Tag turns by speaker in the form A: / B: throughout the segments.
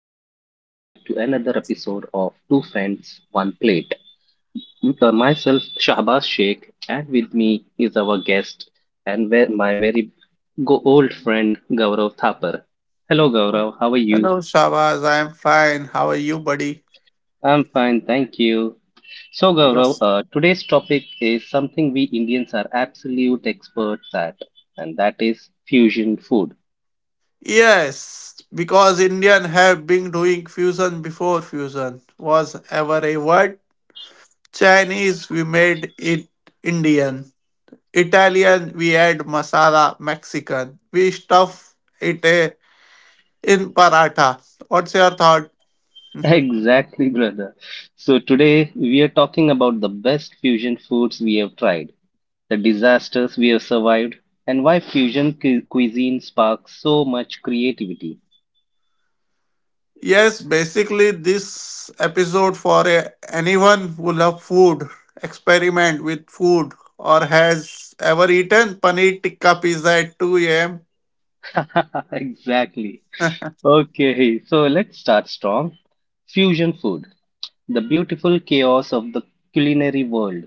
A: and welcome back to another episode of Two Friends, One Plate. With myself, Shahbaz Sheikh, and with me is our guest and my very old friend, Gaurav Thapar. Hello, Gaurav, how are you?
B: Hello, Shabaz. I'm fine. How are you, buddy?
A: I'm fine, thank you. So, Gaurav,
B: Yes.
A: uh, today's topic is something we Indians are absolute experts at, and that is fusion food.
B: Yes, because Indian have been doing fusion before fusion was ever a word. Chinese, we made it Indian. Italian, we add masala Mexican. We stuff it in paratha. What's your thought?
A: Exactly, brother. So today we are talking about the best fusion foods we have tried, the disasters we have survived, and why fusion cuisine sparks so much creativity.
B: Yes, basically, this episode for anyone who love food, experiment with food, or has ever eaten paneer tikka pizza at 2 a.m.
A: Exactly. Okay, so let's start strong. Fusion food, the beautiful chaos of the culinary world.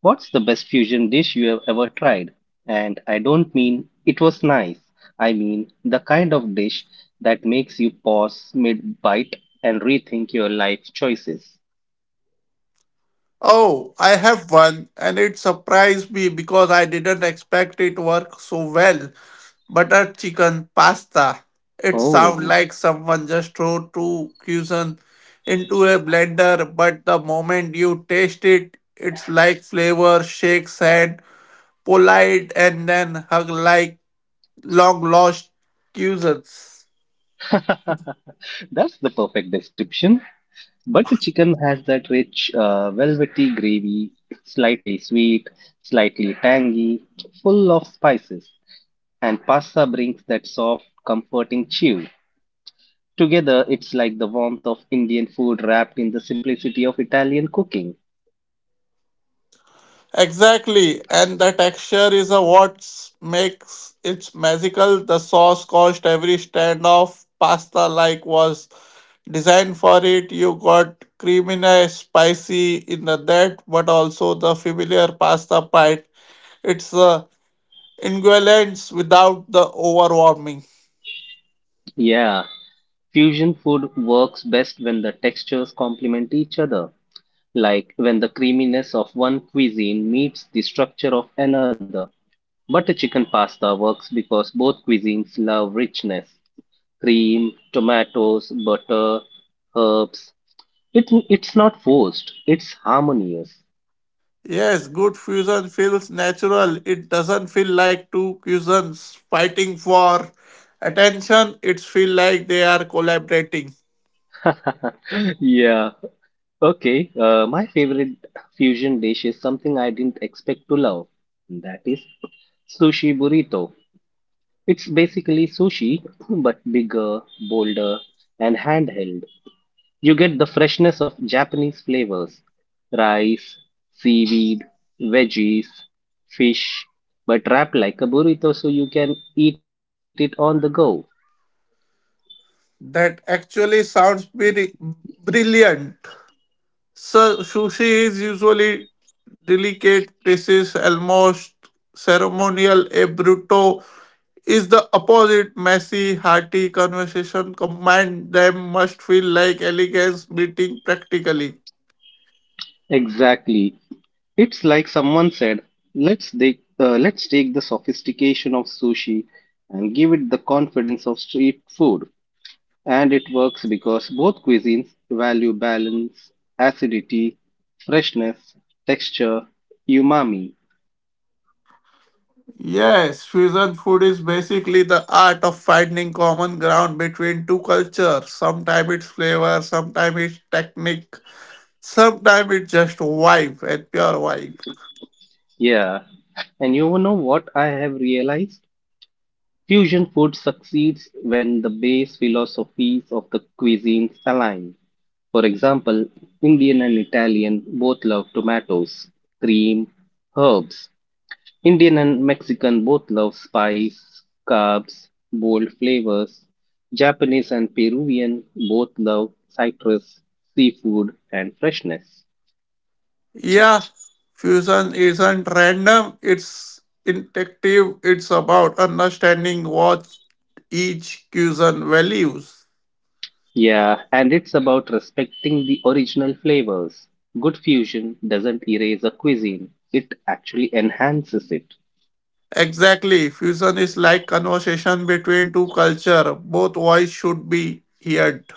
A: What's the best fusion dish you have ever tried? And I don't mean it was nice. I mean the kind of dish that makes you pause mid bite and rethink your life choices.
B: Oh, I have one, and it surprised me because I didn't expect it work so well. Butter chicken pasta. It sounds
A: Oh,
B: like someone just threw two cuisine into a blender, but the moment you taste it, it's like flavor shakes hand polite and then hug like long lost cousins.
A: that's the perfect description. But the chicken has that rich, velvety gravy, slightly sweet, slightly tangy, full of spices. And pasta brings that soft, comforting chew. Together, it's like the warmth of Indian food wrapped in the simplicity of Italian cooking.
B: Exactly, and the texture is a what makes it magical. The sauce cost every stand of pasta like was designed for it. You got creaminess, spicy in the that, but also the familiar pasta bite. It's the ingredients without the overwhelming.
A: Yeah, fusion food works best when the textures complement each other, like when the creaminess of one cuisine meets the structure of another. Butter chicken pasta works because both cuisines love richness, cream, tomatoes, butter, herbs. It's not forced, it's harmonious.
B: Yes, good fusion feels natural. It doesn't feel like two cuisines fighting for attention. It feels like they are collaborating.
A: Yeah. Okay, my favorite fusion dish is something I didn't expect to love. That is sushi burrito. It's basically sushi, but bigger, bolder, and handheld. You get the freshness of Japanese flavors, rice, seaweed, veggies, fish, but wrapped like a burrito so you can eat it on the go.
B: That actually sounds very brilliant. So sushi is usually delicate pieces, almost ceremonial. A bruto is the opposite. Messy, hearty conversation combined them must feel like elegance meeting practically.
A: Exactly. It's like someone said, let's take the sophistication of sushi and give it the confidence of street food. And it works because both cuisines value balance, acidity, freshness, texture, umami.
B: Yes, fusion food is basically the art of finding common ground between two cultures. Sometimes it's flavor, sometimes it's technique, sometimes it's just vibe and pure vibe.
A: Yeah. And you know what I have realized? Fusion food succeeds when the base philosophies of the cuisines align. For example, Indian and Italian both love tomatoes, cream, herbs. Indian and Mexican both love spice, carbs, bold flavors. Japanese and Peruvian both love citrus, seafood, and freshness.
B: Yeah, fusion isn't random, it's intuitive, it's about understanding what each fusion values.
A: Yeah, and it's about respecting the original flavors. Good fusion doesn't erase a cuisine, it actually enhances it.
B: Exactly, fusion is like conversation between two cultures. Both voices should be heard.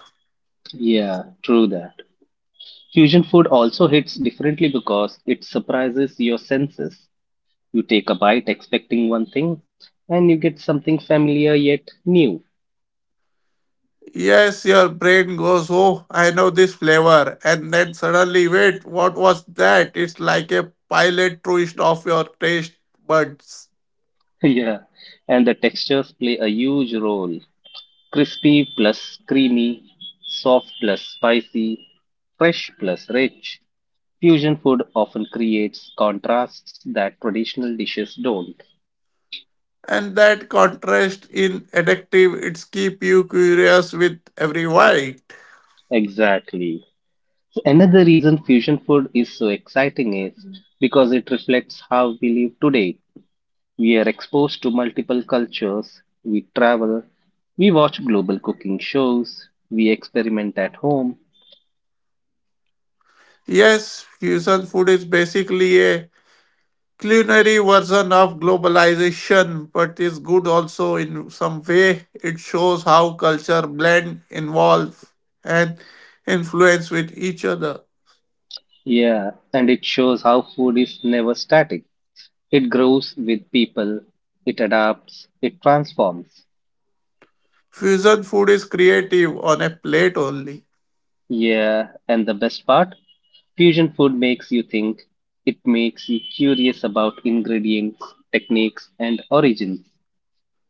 A: Yeah, true that. Fusion food also hits differently because it surprises your senses. You take a bite expecting one thing, and you get something familiar yet new.
B: Yes, your brain goes, oh, I know this flavor. And then suddenly, wait, what was that? It's like a pilot twist of your taste buds.
A: Yeah, and the textures play a huge role, crispy plus creamy, soft plus spicy, fresh plus rich. Fusion food often creates contrasts that traditional dishes don't.
B: And that contrast in addictive, it's keep you curious with every bite.
A: Exactly. Another reason fusion food is so exciting is because it reflects how we live today. We are exposed to multiple cultures, we travel, we watch global cooking shows, we experiment at home.
B: Yes, fusion food is basically a culinary version of globalization, but is good also in some way. It shows how culture blend, involve, and influence with each other.
A: Yeah, and it shows how food is never static. It grows with people, it adapts, it transforms.
B: Fusion food is creative on a plate only.
A: Yeah, and the best part? Fusion food makes you think. It makes you curious about ingredients, techniques, and origins.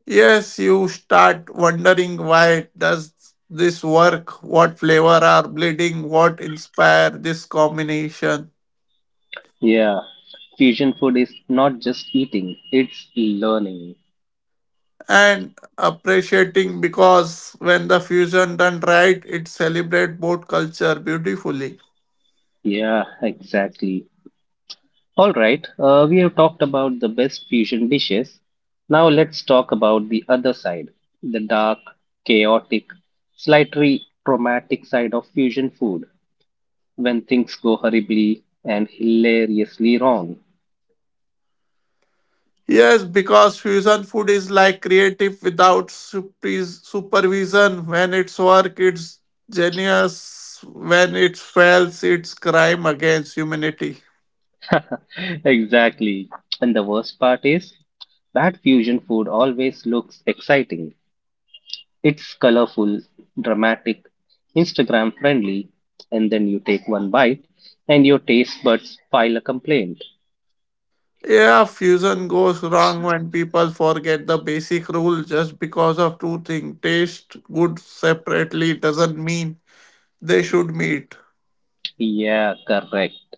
B: Yes, you start wondering why does this work? What flavor are bleeding? What inspire this combination?
A: Yeah, fusion food is not just eating, it's learning.
B: And appreciating because when the fusion done right, it celebrate both culture beautifully.
A: Yeah, exactly. All right, we have talked about the best fusion dishes. Now let's talk about the other side, the dark, chaotic, slightly traumatic side of fusion food, when things go horribly and hilariously wrong.
B: Yes, because fusion food is like creative without supervision. When it's work, it's genius. When it fails, it's crime against humanity.
A: Exactly. And the worst part is, bad fusion food always looks exciting. It's colorful, dramatic, Instagram friendly, and then you take one bite and your taste buds file a complaint.
B: Yeah, fusion goes wrong when people forget the basic rule just because of two things. Taste good separately doesn't mean they should meet.
A: Yeah, correct.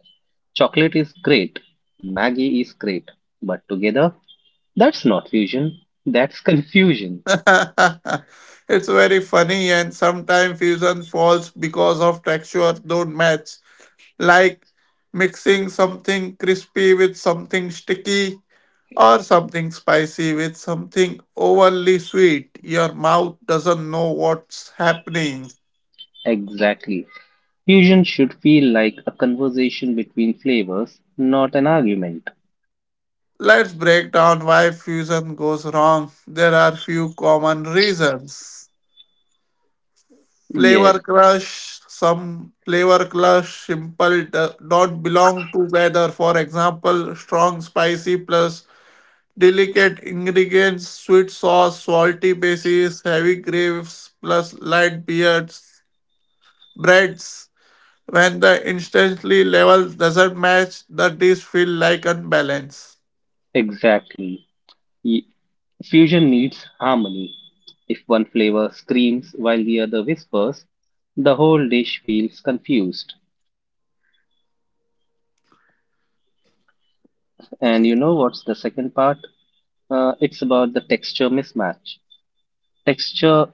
A: Chocolate is great, Maggie is great, but together, that's not fusion, that's confusion.
B: It's very funny and sometimes fusion falls because of texture don't match. Like mixing something crispy with something sticky or something spicy with something overly sweet. Your mouth doesn't know what's happening.
A: Exactly. Fusion should feel like a conversation between flavors, not an argument.
B: Let's break down why fusion goes wrong. There are few common reasons.
A: Yes,
B: Flavor crush, some flavor crush simple don't belong together. For example, strong spicy plus delicate ingredients, sweet sauce, salty bases, heavy gravies, plus light beards, breads. When the instantly level doesn't match, the dish feel like unbalanced.
A: exactly. Y- Fusion needs harmony. If one flavor screams while the other whispers, the whole dish feels confused. And you know what's the second part? It's about the texture mismatch. Texture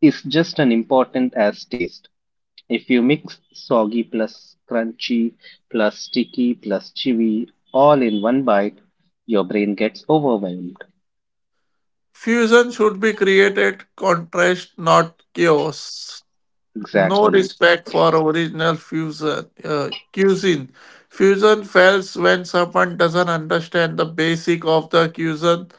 A: is just as important as taste. If you mix soggy plus crunchy plus sticky plus chewy all in one bite, your brain gets overwhelmed.
B: Fusion should be created, contrast, not chaos. No
A: Exactly.
B: respect for original fusion cuisine. Fusion fails when someone doesn't understand the basic of the cuisine.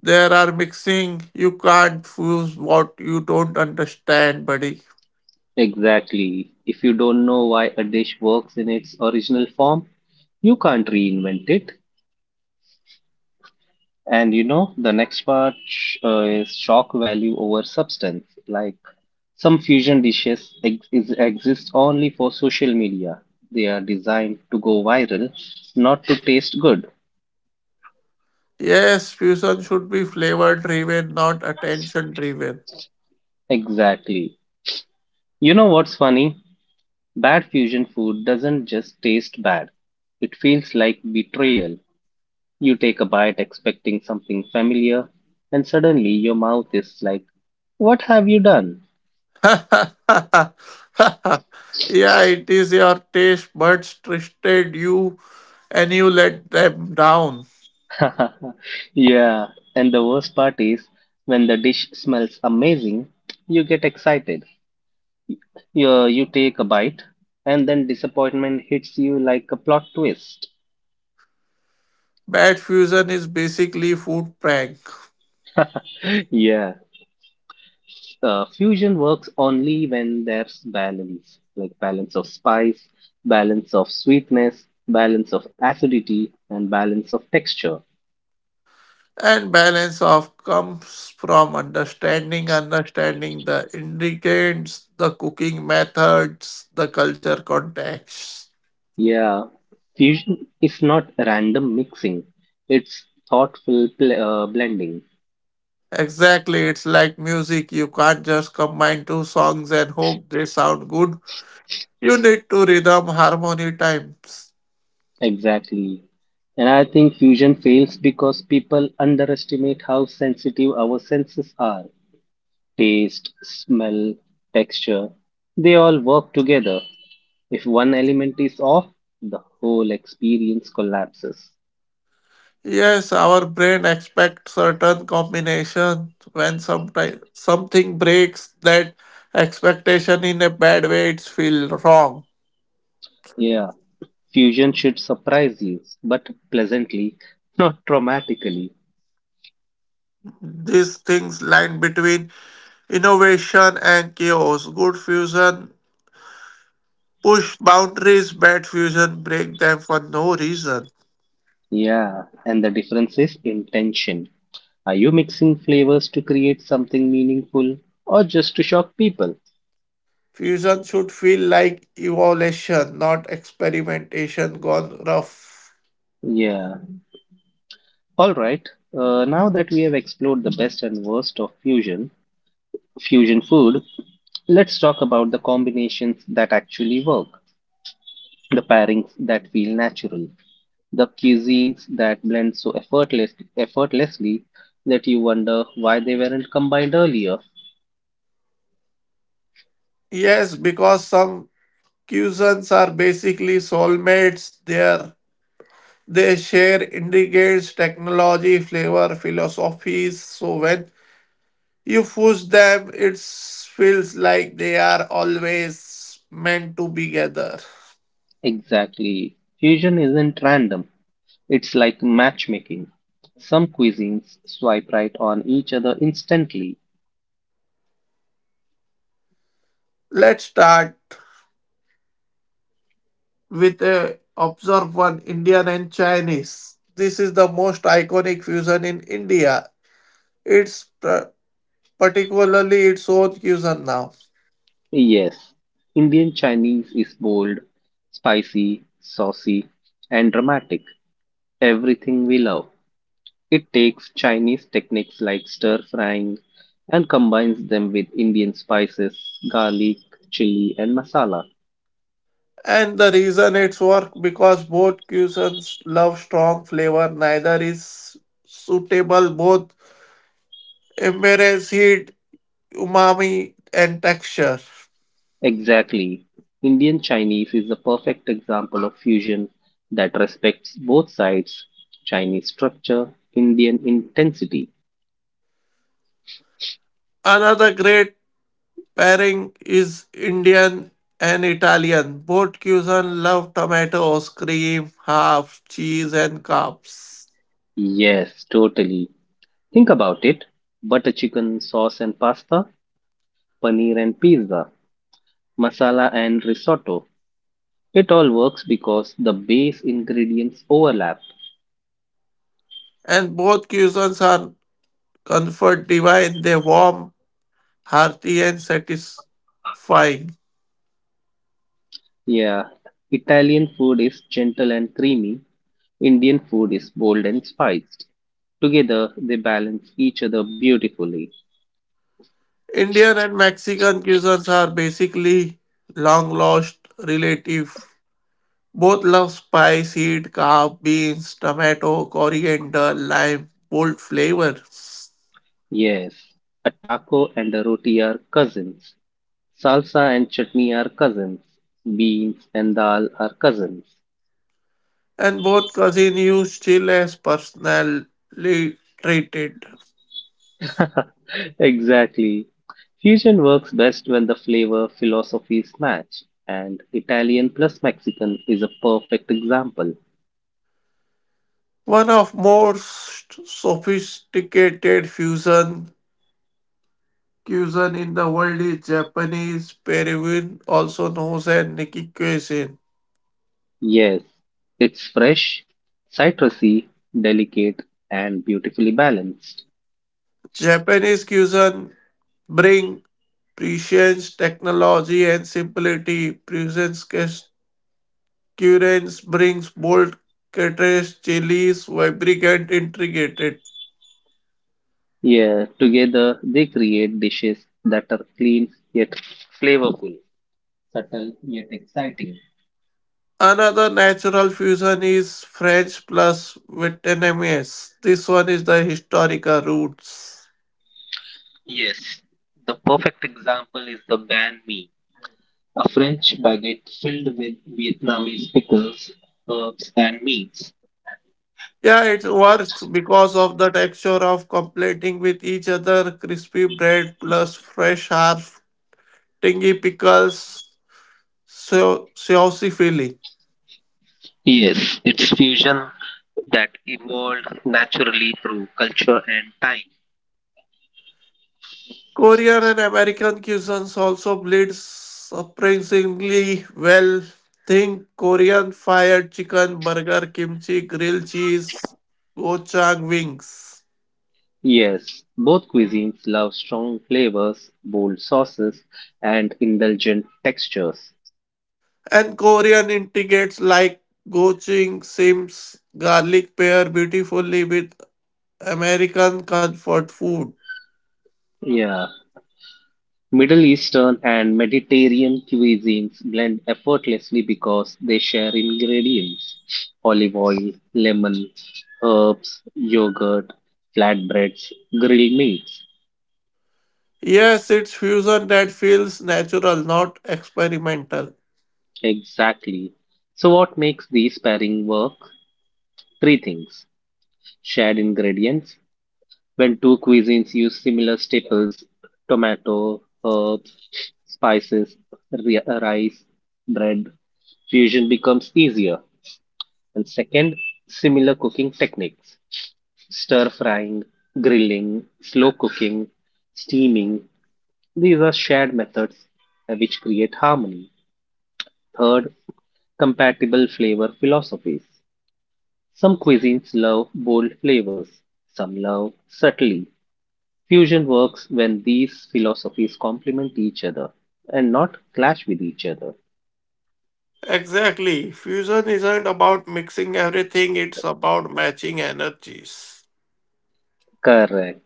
B: There are mixing. You can't fuse what you don't understand, buddy.
A: Exactly. If you don't know why a dish works in its original form, you can't reinvent it. And you know, the next part is shock value over substance. Like some fusion dishes exist only for social media. They are designed to go viral, not to taste good.
B: Yes, fusion should be flavor driven, not attention driven.
A: Exactly. You know what's funny? Bad fusion food doesn't just taste bad. It feels like betrayal. You take a bite expecting something familiar, and suddenly your mouth is like, what have you done?
B: Yeah, it is your taste buds twisted you and you let them down.
A: Yeah, and the worst part is when the dish smells amazing, you get excited. You take a bite, and then disappointment hits you like a plot twist.
B: Bad fusion is basically food prank.
A: Yeah, fusion works only when there's balance, like balance of spice, balance of sweetness, balance of acidity, and balance of texture.
B: And balance of comes from understanding, understanding the ingredients, the cooking methods, the culture context.
A: Yeah, fusion is not random mixing, it's thoughtful pl blending.
B: Exactly, it's like music. You can't just combine two songs and hope they sound good. You need to rhythm, harmony, times.
A: Exactly. And I think fusion fails because people underestimate how sensitive our senses are. Taste, smell, texture, they all work together. If one element is off, the whole experience collapses.
B: Yes, our brain expects certain combination. When sometime something breaks that expectation in a bad way, it's feel wrong.
A: Yeah, fusion should surprise you, but pleasantly, not traumatically.
B: These things line between innovation and chaos. Good fusion push boundaries, bad fusion break them for no reason.
A: Yeah, and the difference is intention. Are you mixing flavors to create something meaningful or just to shock people?
B: Fusion should feel like evolution, not experimentation gone rough.
A: Yeah. All right. Now that we have explored the best and worst of fusion food, let's talk about the combinations that actually work, the pairings that feel natural, the cuisines that blend so effortlessly that you wonder why they weren't combined earlier.
B: Yes, because some fusions are basically soulmates. They share ingredients, technology, flavor, philosophies. So when you push them, it feels like they are always meant to be together.
A: Exactly. Fusion isn't random. It's like matchmaking. Some cuisines swipe right on each other instantly.
B: Let's start with a observe one Indian and Chinese. This is the most iconic fusion in India. It's particularly its own cuisine now.
A: Yes, Indian Chinese is bold, spicy, saucy, and dramatic. Everything we love. It takes Chinese techniques like stir frying and combines them with Indian spices, garlic, chili, and masala.
B: And the reason it's work because both cuisines love strong flavor, neither is suitable both embrace heat, umami and texture.
A: Exactly. Indian Chinese is a perfect example of fusion that respects both sides, Chinese structure, Indian intensity.
B: Another great pairing is Indian and Italian. Both cuisines love tomatoes, cream, half, cheese, and carbs.
A: Yes, totally. Think about it, butter chicken, sauce and pasta, paneer and pizza, masala and risotto. It all works because the base ingredients overlap.
B: And both cuisines are comfort divine. They warm, hearty, and satisfying.
A: Yeah, Italian food is gentle and creamy, Indian food is bold and spiced. Together, they balance each other beautifully.
B: Indian and Mexican cuisines are basically long lost relatives. Both love spice, heat, carb, beans, tomato, coriander, lime, bold flavors.
A: Yes, a taco and a roti are cousins. Salsa and chutney are cousins. Beans and dal are cousins.
B: And both continues still as personally treated.
A: Exactly. Fusion works best when the flavor philosophies match, and Italian plus Mexican is a perfect example.
B: One of most sophisticated fusion cuisine in the world is Japanese Peruvian, also known as Nikkei cuisine.
A: Yes, it's fresh, citrusy, delicate, and beautifully balanced.
B: Japanese cuisine bring prescience, technology, and simplicity. Prescience currents brings bold contrast, chilies, vibrant, and intricate.
A: Yeah, together they create dishes that are clean yet flavorful, subtle yet exciting.
B: Another natural fusion is French plus Vietnamese. This one is the historical roots.
A: Yes, the perfect example is the banh mi, a French baguette filled with Vietnamese pickles, herbs, and meats.
B: Yeah, it works because of the texture of completing with each other crispy bread plus fresh herb, tangy pickles, so saucy filling.
A: Yes, it's fusion that evolved naturally through culture and time.
B: Korean and American cuisines also blend surprisingly well. Think Korean fried chicken, burger, kimchi, grilled cheese, gochujang wings.
A: Yes, both cuisines love strong flavors, bold sauces, and indulgent textures.
B: And Korean integrates like gochujang, sims, garlic pair beautifully with American comfort food.
A: Yeah, Middle Eastern and Mediterranean cuisines blend effortlessly because they share ingredients, olive oil, lemon, herbs, yogurt, flatbreads, grilled meats.
B: Yes, it's fusion that feels natural, not experimental.
A: Exactly. So, what makes these pairing work? Three things, shared ingredients. When two cuisines use similar staples, tomato, herbs, spices, rice, bread, fusion becomes easier. And second, similar cooking techniques, stir frying, grilling, slow cooking, steaming. These are shared methods which create harmony. Third, compatible flavor philosophies. Some cuisines love bold flavors, some love subtly. Fusion works when these philosophies complement each other and not clash with each other.
B: Exactly. Fusion isn't about mixing everything, it's about matching energies.
A: Correct.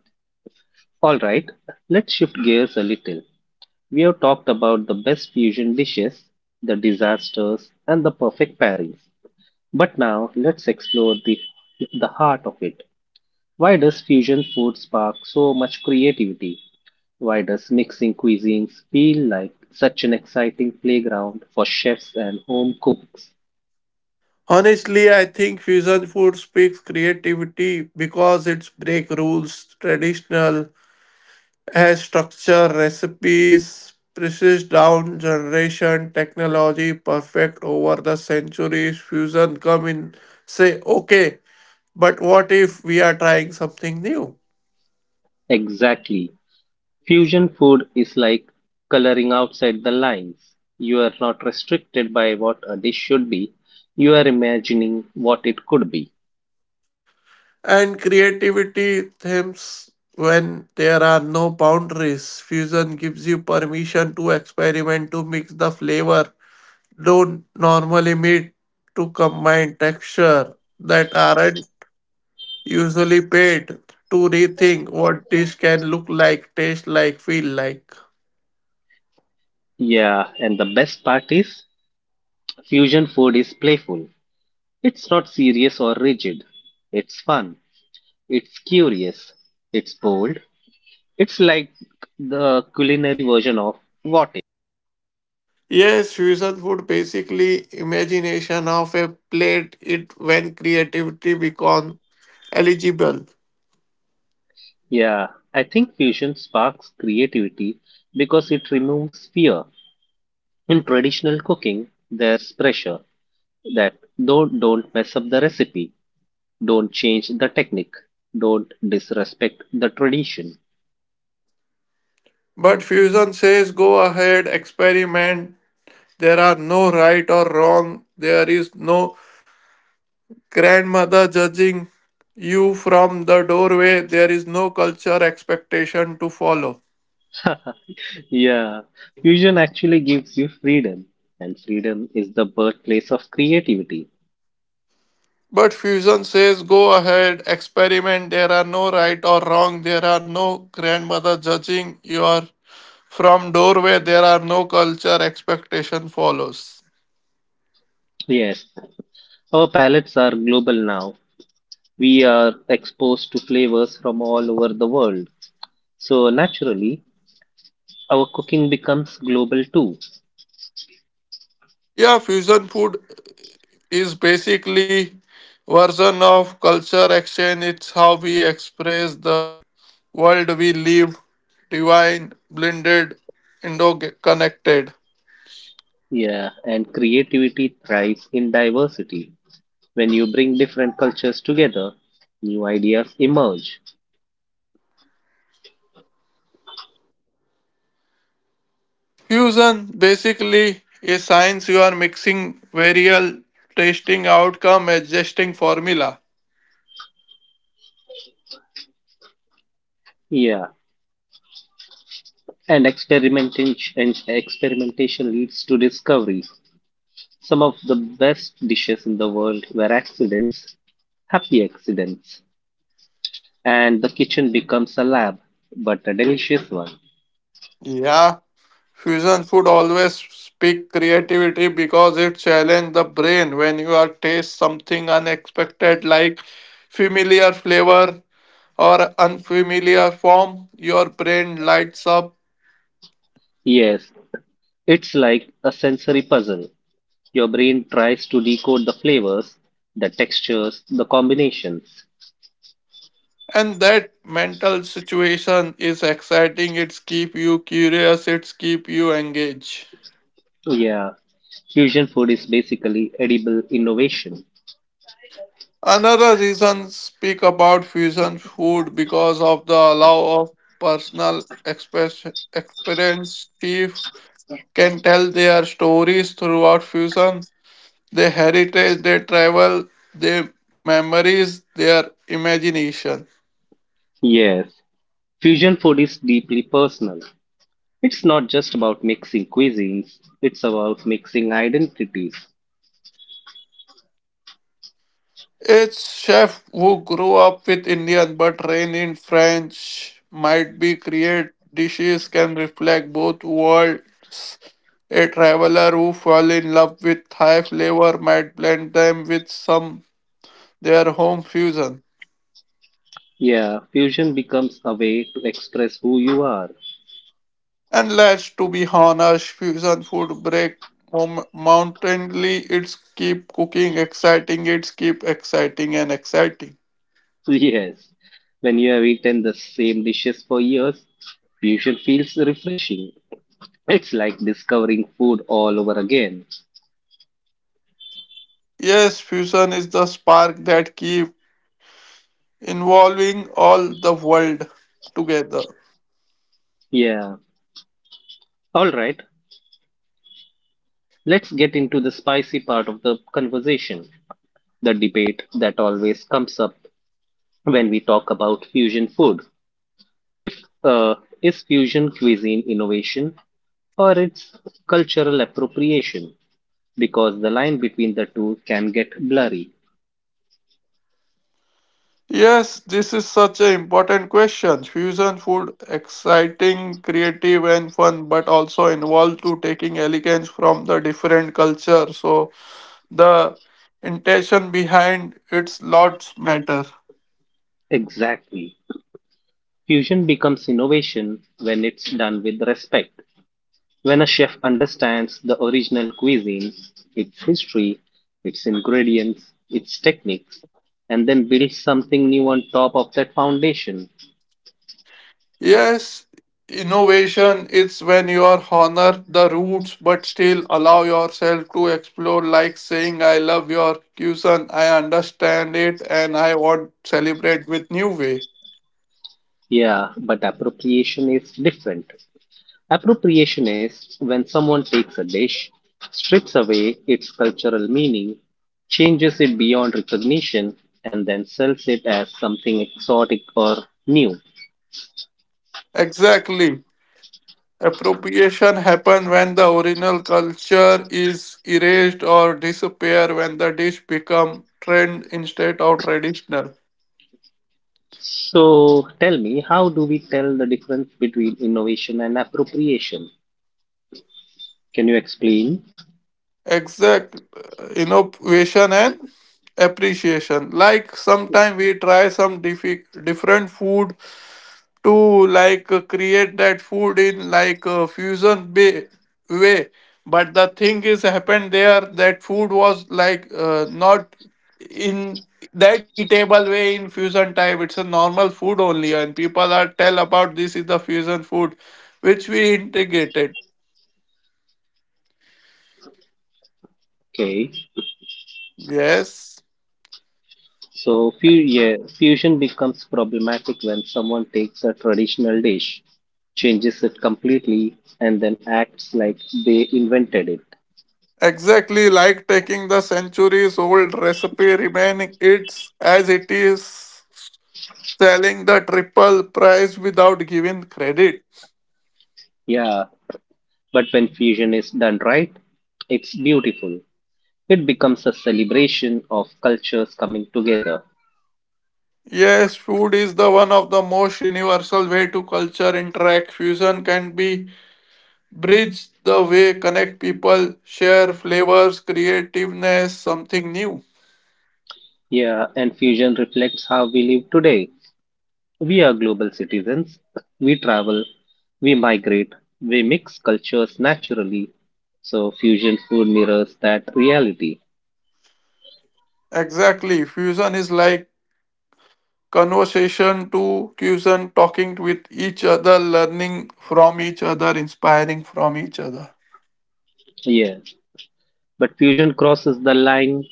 A: All right, let's shift gears a little. We have talked about the best fusion dishes, the disasters, and the perfect pairings. But now let's explore the heart of it. Why does fusion food spark so much creativity? Why does mixing cuisines feel like such an exciting playground for chefs and home cooks?
B: Honestly, I think fusion food speaks creativity because it's break rules, traditional, has structure, recipes, precise down generation, technology, perfect over the centuries, fusion come in, say, okay, but what if we are trying something new?
A: Exactly. Fusion food is like coloring outside the lines. You are not restricted by what a dish should be, you are imagining what it could be.
B: And creativity themes when there are no boundaries. Fusion gives you permission to experiment, to mix the flavor, don't normally meet, to combine texture that aren't usually paid to rethink what dish can look like, taste like, feel like.
A: Yeah, and the best part is fusion food is playful. It's not serious or rigid. It's fun. It's curious. It's bold. It's like the culinary version of what?
B: Yes, fusion food basically imagination of a plate it when creativity become eligible.
A: Yeah, I think fusion sparks creativity because it removes fear. In traditional cooking, there's pressure that don't mess up the recipe, don't change the technique, don't disrespect the tradition.
B: But fusion says go ahead, experiment. There are no right or wrong. There is no grandmother judging you from the doorway. There is no culture expectation to follow.
A: Yeah, fusion actually gives you freedom, and freedom is the birthplace of creativity.
B: But fusion says, go ahead, experiment. There are no right or wrong. There are no grandmother judging. You are from doorway. There are no culture. Expectation follows.
A: Yes, our palettes are global now. We are exposed to flavors from all over the world. So naturally, our cooking becomes global too.
B: Yeah, fusion food is basically version of culture exchange. It's how we express the world we live, divine, blended, interconnected.
A: Yeah, and creativity thrives in diversity. When you bring different cultures together, new ideas emerge.
B: Fusion basically a science you are mixing variable, testing outcome, adjusting formula.
A: Yeah, and experimentation leads to discovery. Some of the best dishes in the world were accidents, happy accidents, and the kitchen becomes a lab, but a delicious one.
B: Yeah, fusion food always speak creativity because it challenge the brain when you are taste something unexpected like familiar flavor or unfamiliar form, your brain lights up
A: Yes, it's like a sensory puzzle. Your brain tries to decode the flavors, the textures, the combinations.
B: and that mental situation is exciting, it's keep you curious, it's keep you engaged.
A: So, yeah, fusion food is basically edible innovation.
B: Another reason speak about fusion food because of the allow of personal express, experience. Chief can tell their stories throughout fusion, their heritage, their travel, their memories, their imagination.
A: Yes, fusion food is deeply personal. It's not just about mixing cuisines, it's about mixing identities.
B: Its chef who grew up with Indian but trained in French might be create dishes can reflect both worlds. A traveler who fell in love with Thai flavor might blend them with some their home fusion.
A: Yeah, fusion becomes a way to express who you are.
B: And let's to be honest, fusion food break mountainly. It's keep cooking exciting. It's keep exciting and exciting.
A: Yes, when you have eaten the same dishes for years, fusion feels refreshing. It's like discovering food all over again.
B: Yes, fusion is the spark that keep involving all the world together.
A: Yeah, alright, let's get into the spicy part of the conversation, the debate that always comes up when we talk about fusion food. If uh, is fusion cuisine innovation or it's cultural appropriation, because the line between the two can get blurry?
B: Yes, this is such an important question. Fusion food, exciting, creative, and fun, but also involved to taking elegance from the different culture. So the intention behind its lots matter.
A: Exactly. Fusion becomes innovation when it's done with respect. When a chef understands the original cuisine, its history, its ingredients, its techniques, and then builds something new on top of that foundation.
B: Yes, innovation is when you are honor the roots but still allow yourself to explore like saying I love your cuisine, I understand it and I want celebrate with new way.
A: Yeah, but appropriation is different. Appropriation is when someone takes a dish, strips away its cultural meaning, changes it beyond recognition, and then sells it as something exotic or new.
B: Exactly. Appropriation happen when the original culture is erased or disappear when the dish become trend instead of traditional.
A: So tell me, how do we tell the difference between innovation and appropriation? Can you explain?
B: Exact innovation and appreciation like sometime we try some different food to like create that food in like fusion way, but the thing is happened there that food was like not in that eatable way in fusion type, it's a normal food only and people are tell about this is the fusion food which we integrated.
A: Okay.
B: Yes.
A: So fu- yeah, fusion becomes problematic when someone takes a traditional dish, changes it completely, and then acts like they invented it.
B: Exactly, like taking the centuries old recipe, remaining it as it is, selling the triple price without giving credit.
A: Yeah, but when fusion is done right, it's beautiful. It becomes a celebration of cultures coming together.
B: Yes, food is the one of the most universal way to culture interact. Fusion can be bridge the way connect people, share flavors, creativeness, something new.
A: Yeah, and fusion reflects how we live today. We are global citizens. We travel, we migrate, we mix cultures naturally. So fusion food mirrors that reality.
B: Exactly, fusion is like conversation to cuisine, talking with each other, learning from each other, inspiring from each other.
A: Yes, but fusion crosses the line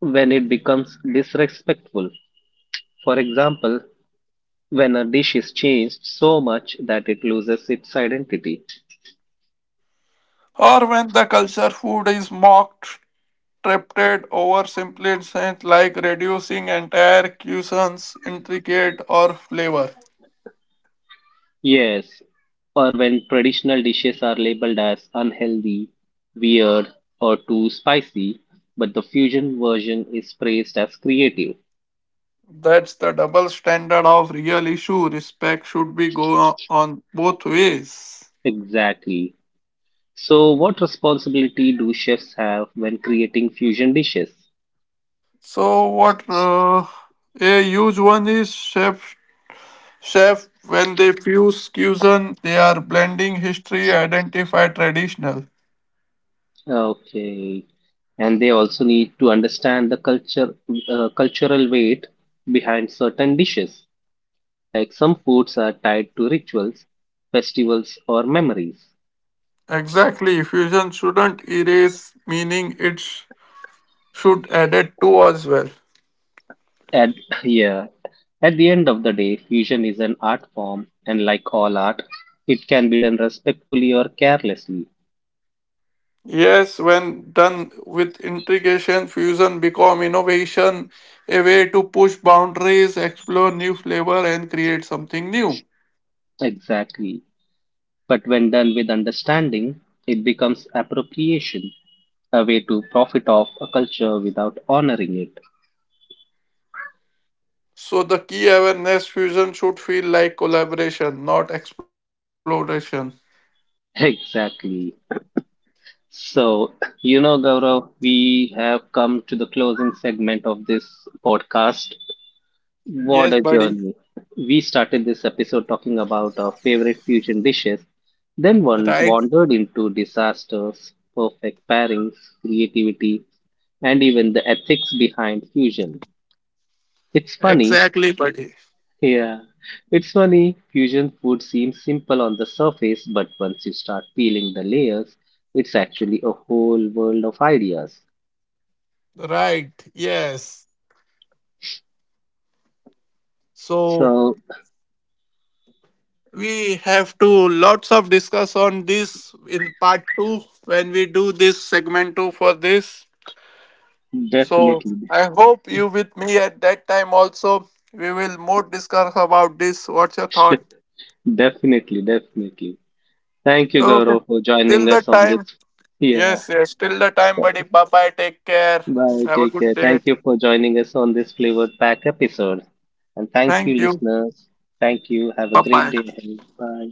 A: when it becomes disrespectful. For example, when a dish is changed so much that it loses its identity.
B: Or when the culture food is mocked, tripped over simple sense like reducing entire cuisines intricate or flavor.
A: Yes, or when traditional dishes are labeled as unhealthy, weird, or too spicy, but the fusion version is praised as creative.
B: That's the double standard of real issue. Respect should be go on both ways.
A: Exactly. So, what responsibility do chefs have when creating fusion dishes?
B: So what a huge one is chef, when they fuse fusion, they are blending history, identify traditional.
A: Okay, and they also need to understand the cultural weight behind certain dishes. Like some foods are tied to rituals, festivals, or memories.
B: Exactly, fusion shouldn't erase meaning, should add it to as well.
A: At yeah, at the end of the day, fusion is an art form, and like all art, it can be done respectfully or carelessly.
B: Yes, when done with integration, fusion become innovation, a way to push boundaries, explore new flavor, and create something new.
A: Exactly. But when done with understanding, it becomes appropriation, a way to profit off a culture without honoring it.
B: So the key awareness fusion should feel like collaboration, not exploration.
A: Exactly. So, you know, Gaurav, we have come to the closing segment of this podcast.
B: Yes,
A: What a
B: buddy.
A: journey. We started this episode talking about our favorite fusion dishes, then one
B: Right.
A: wandered into disasters, perfect pairings, creativity, and even the ethics behind fusion. It's funny,
B: Exactly, buddy.
A: yeah, it's funny, fusion food seems simple on the surface, but once you start peeling the layers, it's actually a whole world of ideas.
B: Right, yes. So
A: So,
B: we have to lots of discuss on this in part 2 when we do this segment 2 for this. So
A: definitely,
B: I hope you with me at that time also. We will more discuss about this. What's your thought?
A: definitely. Thank you,
B: Okay.
A: Gaurav, for
B: Till
A: joining
B: the
A: us on
B: time.
A: this. Yeah.
B: Yes, yes. Till the time, buddy. Bye bye. Take care.
A: Bye.
B: Have a
A: Take
B: good
A: care.
B: day.
A: Thank you for joining us on this flavored pack episode. And thank you,
B: Thank you.
A: listeners. Thank you. Have
B: Bye
A: a great
B: bye.
A: day ahead. Bye.